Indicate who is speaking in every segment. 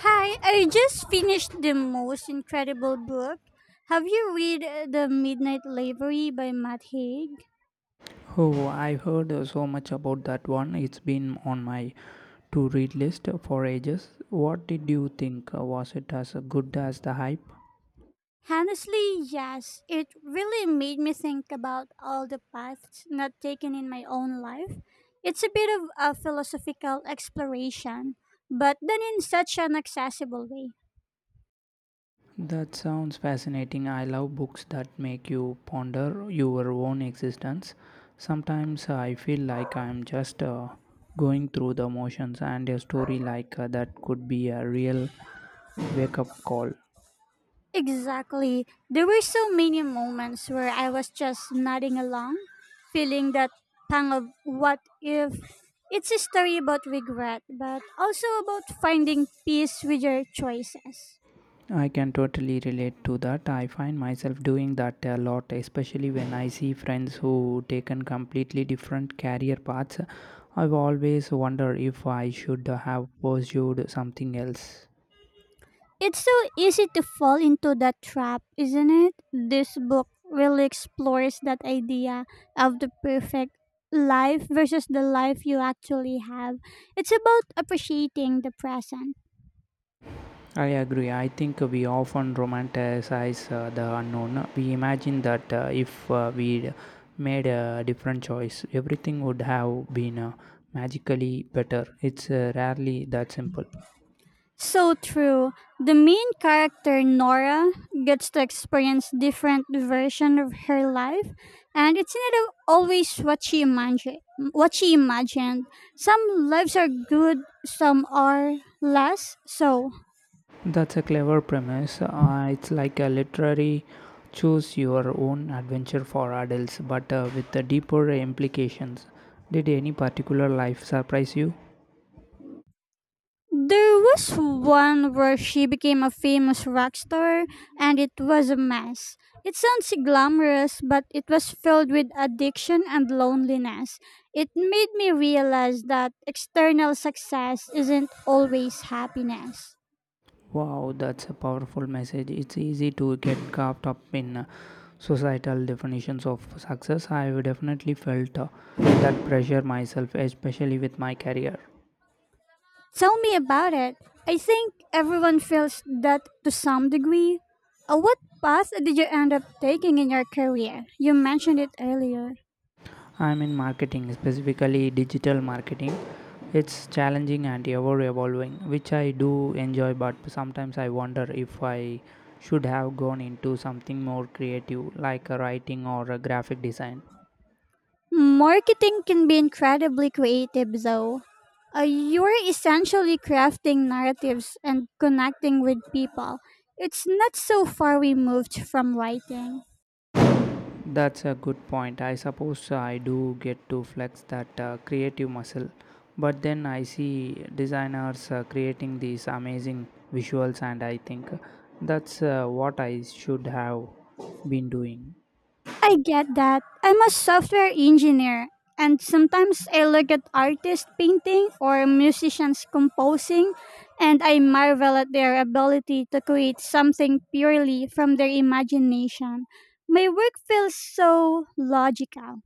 Speaker 1: Hi, I just finished the most incredible book. Have you read The Midnight Library by Matt Haig?
Speaker 2: Oh, I have heard so much about that one. It's been on my to read list for ages. What did you think? Was it as good as the hype?
Speaker 1: Honestly, yes. It really made me think about all the paths not taken in my own life. It's a bit of a philosophical exploration, but done in such an accessible way.
Speaker 2: That sounds fascinating. I love books that make you ponder your own existence. Sometimes I feel like I'm just going through the motions, and a story like that could be a real wake up call.
Speaker 1: Exactly. There were so many moments where I was just nodding along, feeling that pang of what if. It's a story about regret, but also about finding peace with your choices.
Speaker 2: I can totally relate to that. I find myself doing that a lot, especially when I see friends who taken completely different career paths. I've always wondered if I should have pursued something else.
Speaker 1: It's so easy to fall into that trap, isn't it? This book really explores that idea of the perfect life versus the life you actually have. It's about appreciating the present.
Speaker 2: I agree. I think we often romanticize the unknown. We imagine that if we made a different choice, everything would have been magically better. It's rarely that simple.
Speaker 1: So true. The main character, Nora, gets to experience different version of her life, and it's not always what she imagined. What she imagined. Some lives are good, some are less so.
Speaker 2: That's a clever premise. It's like a literary choose your own adventure for adults, but with the deeper implications. Did any particular life surprise you?
Speaker 1: There was one where she became a famous rock star, and it was a mess. It sounds glamorous, but it was filled with addiction and loneliness. It made me realize that external success isn't always happiness.
Speaker 2: Wow, that's a powerful message. It's easy to get caught up in societal definitions of success. I've definitely felt that pressure myself, especially with my career.
Speaker 1: Tell me about it. I think everyone feels that to some degree. What path did you end up taking in your career? You mentioned it earlier.
Speaker 2: I'm in marketing, specifically digital marketing. It's challenging and ever evolving, which I do enjoy, but sometimes I wonder if I should have gone into something more creative, like a writing or a graphic design.
Speaker 1: Marketing can be incredibly creative, though. You're essentially crafting narratives and connecting with people. It's not so far removed from writing.
Speaker 2: That's a good point. I suppose I do get to flex that creative muscle, but then I see designers creating these amazing visuals, and I think that's what I should have been doing.
Speaker 1: I get that. I'm a software engineer, and sometimes I look at artists painting or musicians composing, and I marvel at their ability to create something purely from their imagination. My work feels so logical.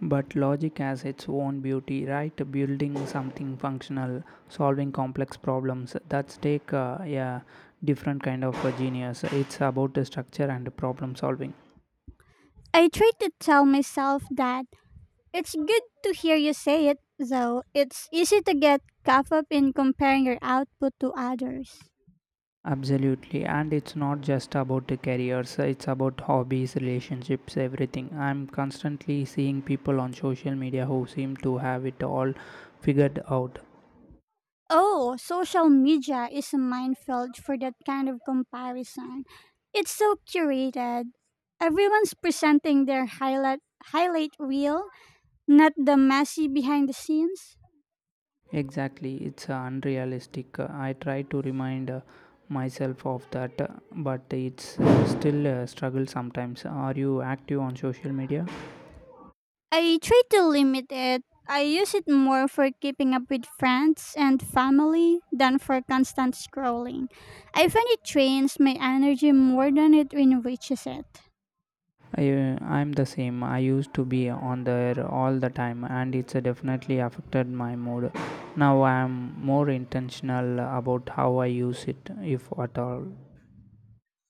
Speaker 2: But logic has its own beauty, right? Building something functional, solving complex problems thats take a different kind of genius. It's about the structure and problem solving.
Speaker 1: I try to tell myself that it's good to hear you say it, though it's easy to get caught up in comparing your output to others.
Speaker 2: Absolutely, and it's not just about the careers, it's about hobbies, relationships, everything. I'm constantly seeing people on social media who seem to have it all figured out.
Speaker 1: Oh, social media is a minefield for that kind of comparison. It's so curated. Everyone's presenting their highlight reel, not the messy behind the scenes.
Speaker 2: Exactly, it's unrealistic. I try to remind myself of that, but it's still a struggle sometimes. Are you active on social media?
Speaker 1: I try to limit it. I use it more for keeping up with friends and family than for constant scrolling. I find it drains my energy more than it enriches it.
Speaker 2: I'm the same. I used to be on there all the time, and it's definitely affected my mood. Now I'm more intentional about how I use it, if at all.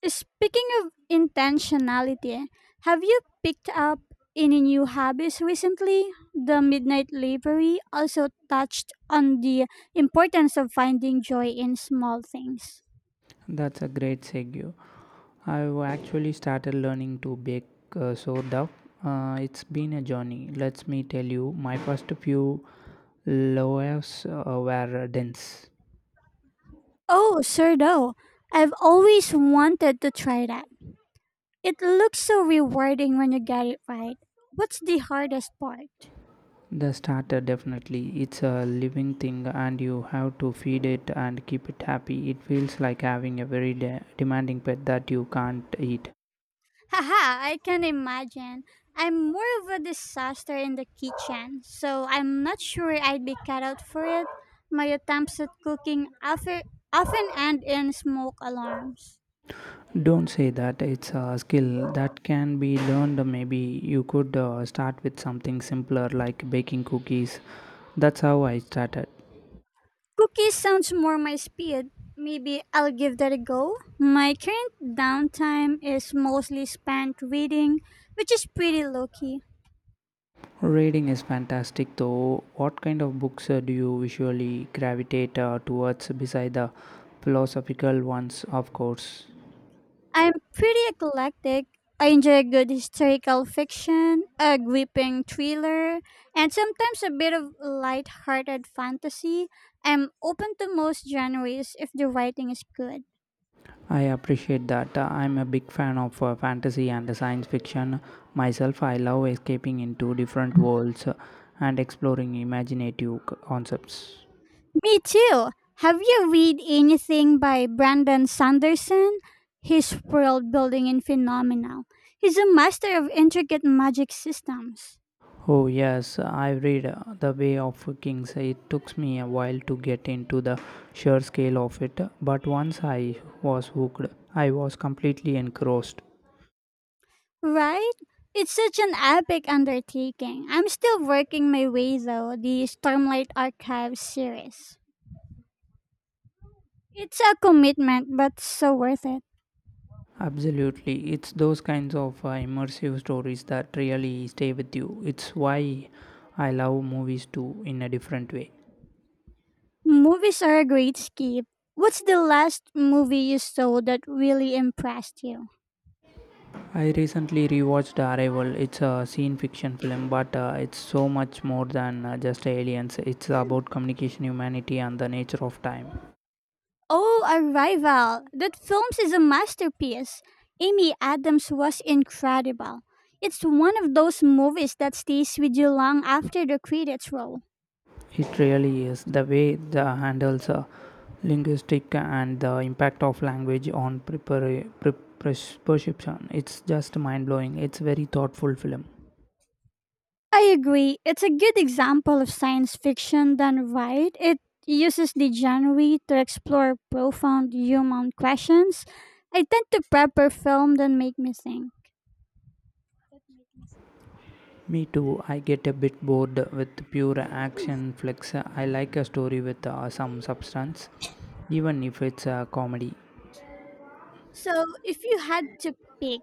Speaker 1: Speaking of intentionality, have you picked up any new hobbies recently? The Midnight Library also touched on the importance of finding joy in small things.
Speaker 2: That's a great segue. I've actually started learning to bake sourdough. It's been a journey. Let me tell you, my first few loaves were dense.
Speaker 1: Oh, sure, though. I've always wanted to try that. It looks so rewarding when you get it right. What's the hardest part?
Speaker 2: The starter definitely. It's a living thing, and you have to feed it and keep it happy. It feels like having a very demanding pet that you can't eat.
Speaker 1: Haha, I can imagine. I'm more of a disaster in the kitchen, so I'm not sure I'd be cut out for it. My attempts at cooking often end in smoke alarms.
Speaker 2: Don't say that it's a skill that can be learned. Maybe you could start with something simpler like baking cookies. That's how I started.
Speaker 1: Cookies sounds more my speed. Maybe I'll give that a go. My current downtime is mostly spent reading, which is pretty low key.
Speaker 2: Reading is fantastic though. What kind of books do you usually gravitate towards beside the philosophical ones, of course?
Speaker 1: I'm pretty eclectic. I enjoy good historical fiction, a gripping thriller, and sometimes a bit of light-hearted fantasy. I'm open to most genres if the writing is good.
Speaker 2: I appreciate that. I'm a big fan of fantasy and science fiction. Myself, I love escaping into different worlds and exploring imaginative concepts.
Speaker 1: Me too. Have you read anything by Brandon Sanderson? His world building in phenomenal. He's a master of intricate magic systems.
Speaker 2: Oh, yes, I read The Way of Kings. It took me a while to get into the sheer scale of it, but once I was hooked, I was completely engrossed.
Speaker 1: Right? It's such an epic undertaking. I'm still working my way though, the Stormlight Archives series. It's a commitment, but so worth it.
Speaker 2: Absolutely, it's those kinds of immersive stories that really stay with you. It's why I love movies too, in a different way.
Speaker 1: Movies are a great escape. What's the last movie you saw that really impressed you?
Speaker 2: I recently rewatched Arrival. It's a scene fiction film, but it's so much more than just aliens. It's about communication, humanity, and the nature of time.
Speaker 1: Oh, Arrival. That film is a masterpiece. Amy Adams was incredible. It's one of those movies that stays with you long after the credits roll.
Speaker 2: It really is. The way the handles linguistic and the impact of language on perception. It's just mind blowing. It's very thoughtful film.
Speaker 1: I agree. It's a good example of science fiction done right. It uses the genre to explore profound human questions. I tend to prefer film that make me think.
Speaker 2: Me too. I get a bit bored with pure action flicks. I like a story with some substance, even if it's a comedy.
Speaker 1: So, if you had to pick,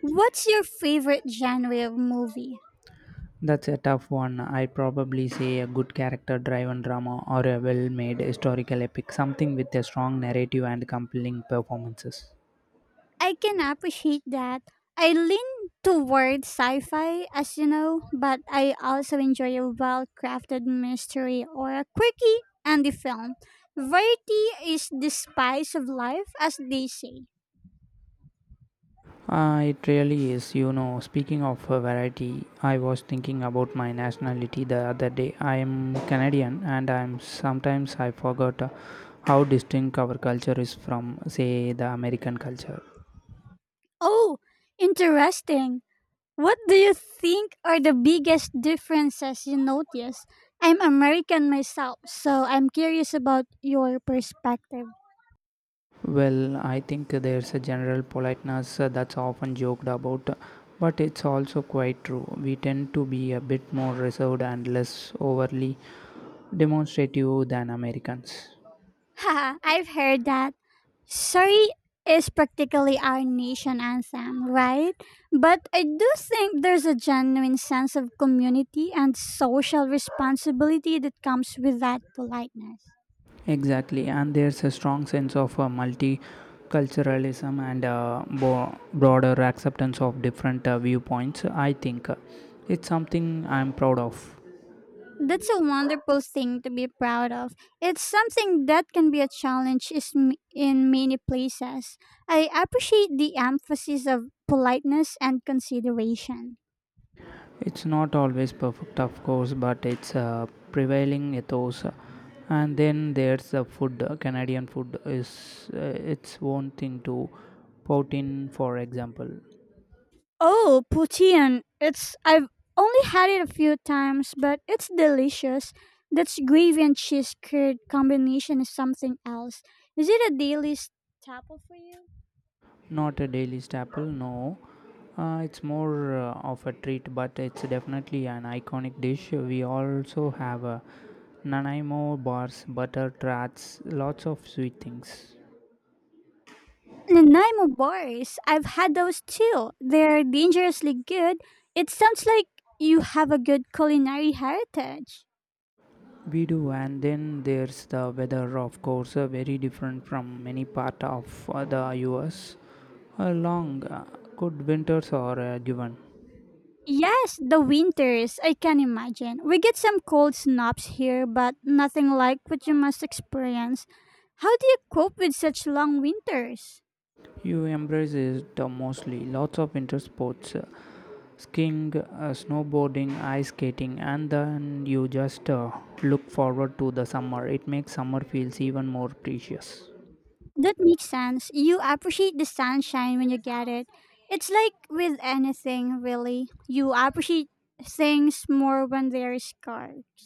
Speaker 1: what's your favorite genre of movie?
Speaker 2: That's a tough one. I probably say a good character driven drama or a well made historical epic, something with a strong narrative and compelling performances.
Speaker 1: I can appreciate that. I lean toward sci fi, as you know, but I also enjoy a well crafted mystery or a quirky indie film. Variety is the spice of life, as they say.
Speaker 2: It really is. You know, speaking of variety, I was thinking about my nationality the other day. I am Canadian, and I'm sometimes I forgot how distinct our culture is from, say, the American culture.
Speaker 1: Oh, interesting. What do you think are the biggest differences you notice? I'm American myself, so I'm curious about your perspective.
Speaker 2: Well, I think there's a general politeness that's often joked about, but it's also quite true. We tend to be a bit more reserved and less overly demonstrative than Americans.
Speaker 1: Haha, I've heard that. Sorry is practically our nation anthem, right? But I do think there's a genuine sense of community and social responsibility that comes with that politeness.
Speaker 2: Exactly, and there's a strong sense of multiculturalism and broader acceptance of different viewpoints. I think it's something I'm proud of.
Speaker 1: That's a wonderful thing to be proud of. It's something that can be a challenge is in many places. I appreciate the emphasis of politeness and consideration.
Speaker 2: It's not always perfect, of course, but it's prevailing ethos. And then there's the food. Canadian food is its own thing to poutine, for example.
Speaker 1: Oh, poutine. It's I've only had it a few times, but it's delicious. That's gravy and cheese curd combination is something else. Is it a daily staple for you?
Speaker 2: Not a daily staple, no. It's more of a treat, but it's definitely an iconic dish. We also have Nanaimo bars, butter tarts, lots of sweet things.
Speaker 1: Nanaimo bars. I've had those too. They're dangerously good. It sounds like you have a good culinary heritage.
Speaker 2: We do, and then there's the weather, of course, very different from many part of the US. Long, good winters are a given.
Speaker 1: Yes, the winters, I can imagine. We get some cold snaps here, but nothing like what you must experience. How do you cope with such long winters?
Speaker 2: You embrace it mostly. Lots of winter sports, skiing, snowboarding, ice skating, and then you just look forward to the summer. It makes summer feels even more precious.
Speaker 1: That makes sense. You appreciate the sunshine when you get it. It's like with anything, really. You appreciate things more when they're scarce.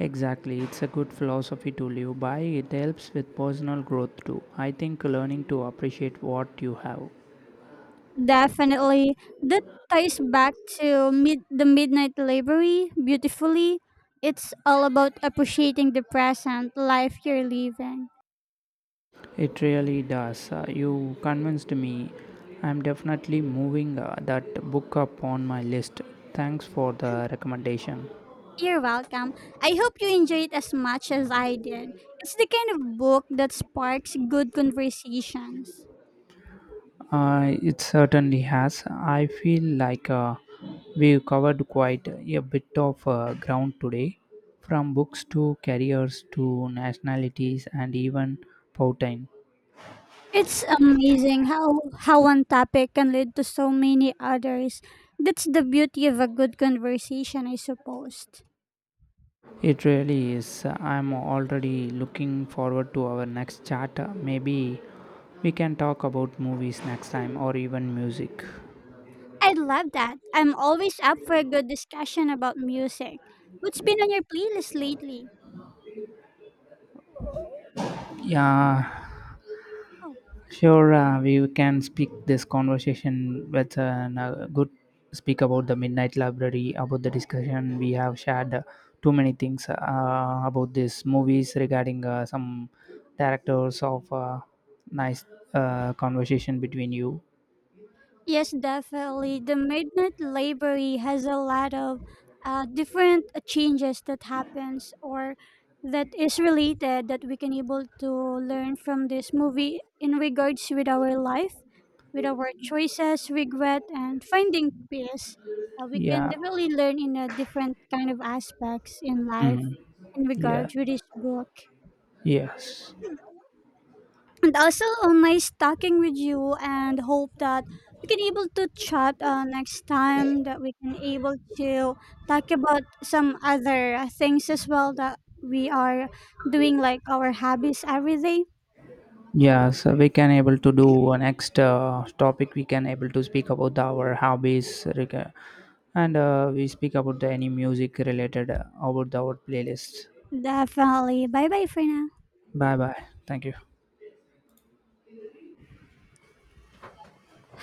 Speaker 2: Exactly, it's a good philosophy to live by. It helps with personal growth too. I think learning to appreciate what you have.
Speaker 1: Definitely. That ties back to the Midnight Library beautifully. It's all about appreciating the present life you're living.
Speaker 2: It really does. You convinced me. I'm definitely moving that book up on my list. Thanks for the recommendation.
Speaker 1: You're welcome. I hope you enjoyed it as much as I did. It's the kind of book that sparks good conversations.
Speaker 2: It certainly has. I feel like we've covered quite a bit of ground today, from books to careers to nationalities and even poutine.
Speaker 1: It's amazing how one topic can lead to so many others. That's the beauty of a good conversation, I suppose.
Speaker 2: It really is. I'm already looking forward to our next chat. Maybe we can talk about movies next time or even music.
Speaker 1: I love that. I'm always up for a good discussion about music. What's been on your playlist lately?
Speaker 2: Yeah.
Speaker 1: Oh,
Speaker 2: Sure, we can speak this conversation with an, good speak about the Midnight Library, about the discussion we have shared too many things about these movies regarding some directors of nice conversation between you.
Speaker 1: yes, definitely. The Midnight Library has a lot of different changes that happens or that is related that we can able to learn from this movie in regards with our life, with our choices, regret, and finding peace. We can
Speaker 2: Yeah.
Speaker 1: definitely learn in a different kind of aspects in life
Speaker 2: Mhm.
Speaker 1: in
Speaker 2: Yeah.
Speaker 1: regards with this book.
Speaker 2: Yes.
Speaker 1: And also nice talking with you and hope that we can able to chat next time that we can able to talk about some other things as well that we are doing like our hobbies every day.
Speaker 2: Yeah, so we can able to do next topic. We can able to speak about our hobbies, and we speak about the any music related about our playlist.
Speaker 1: Definitely, bye bye for now.
Speaker 2: Bye bye. Thank you.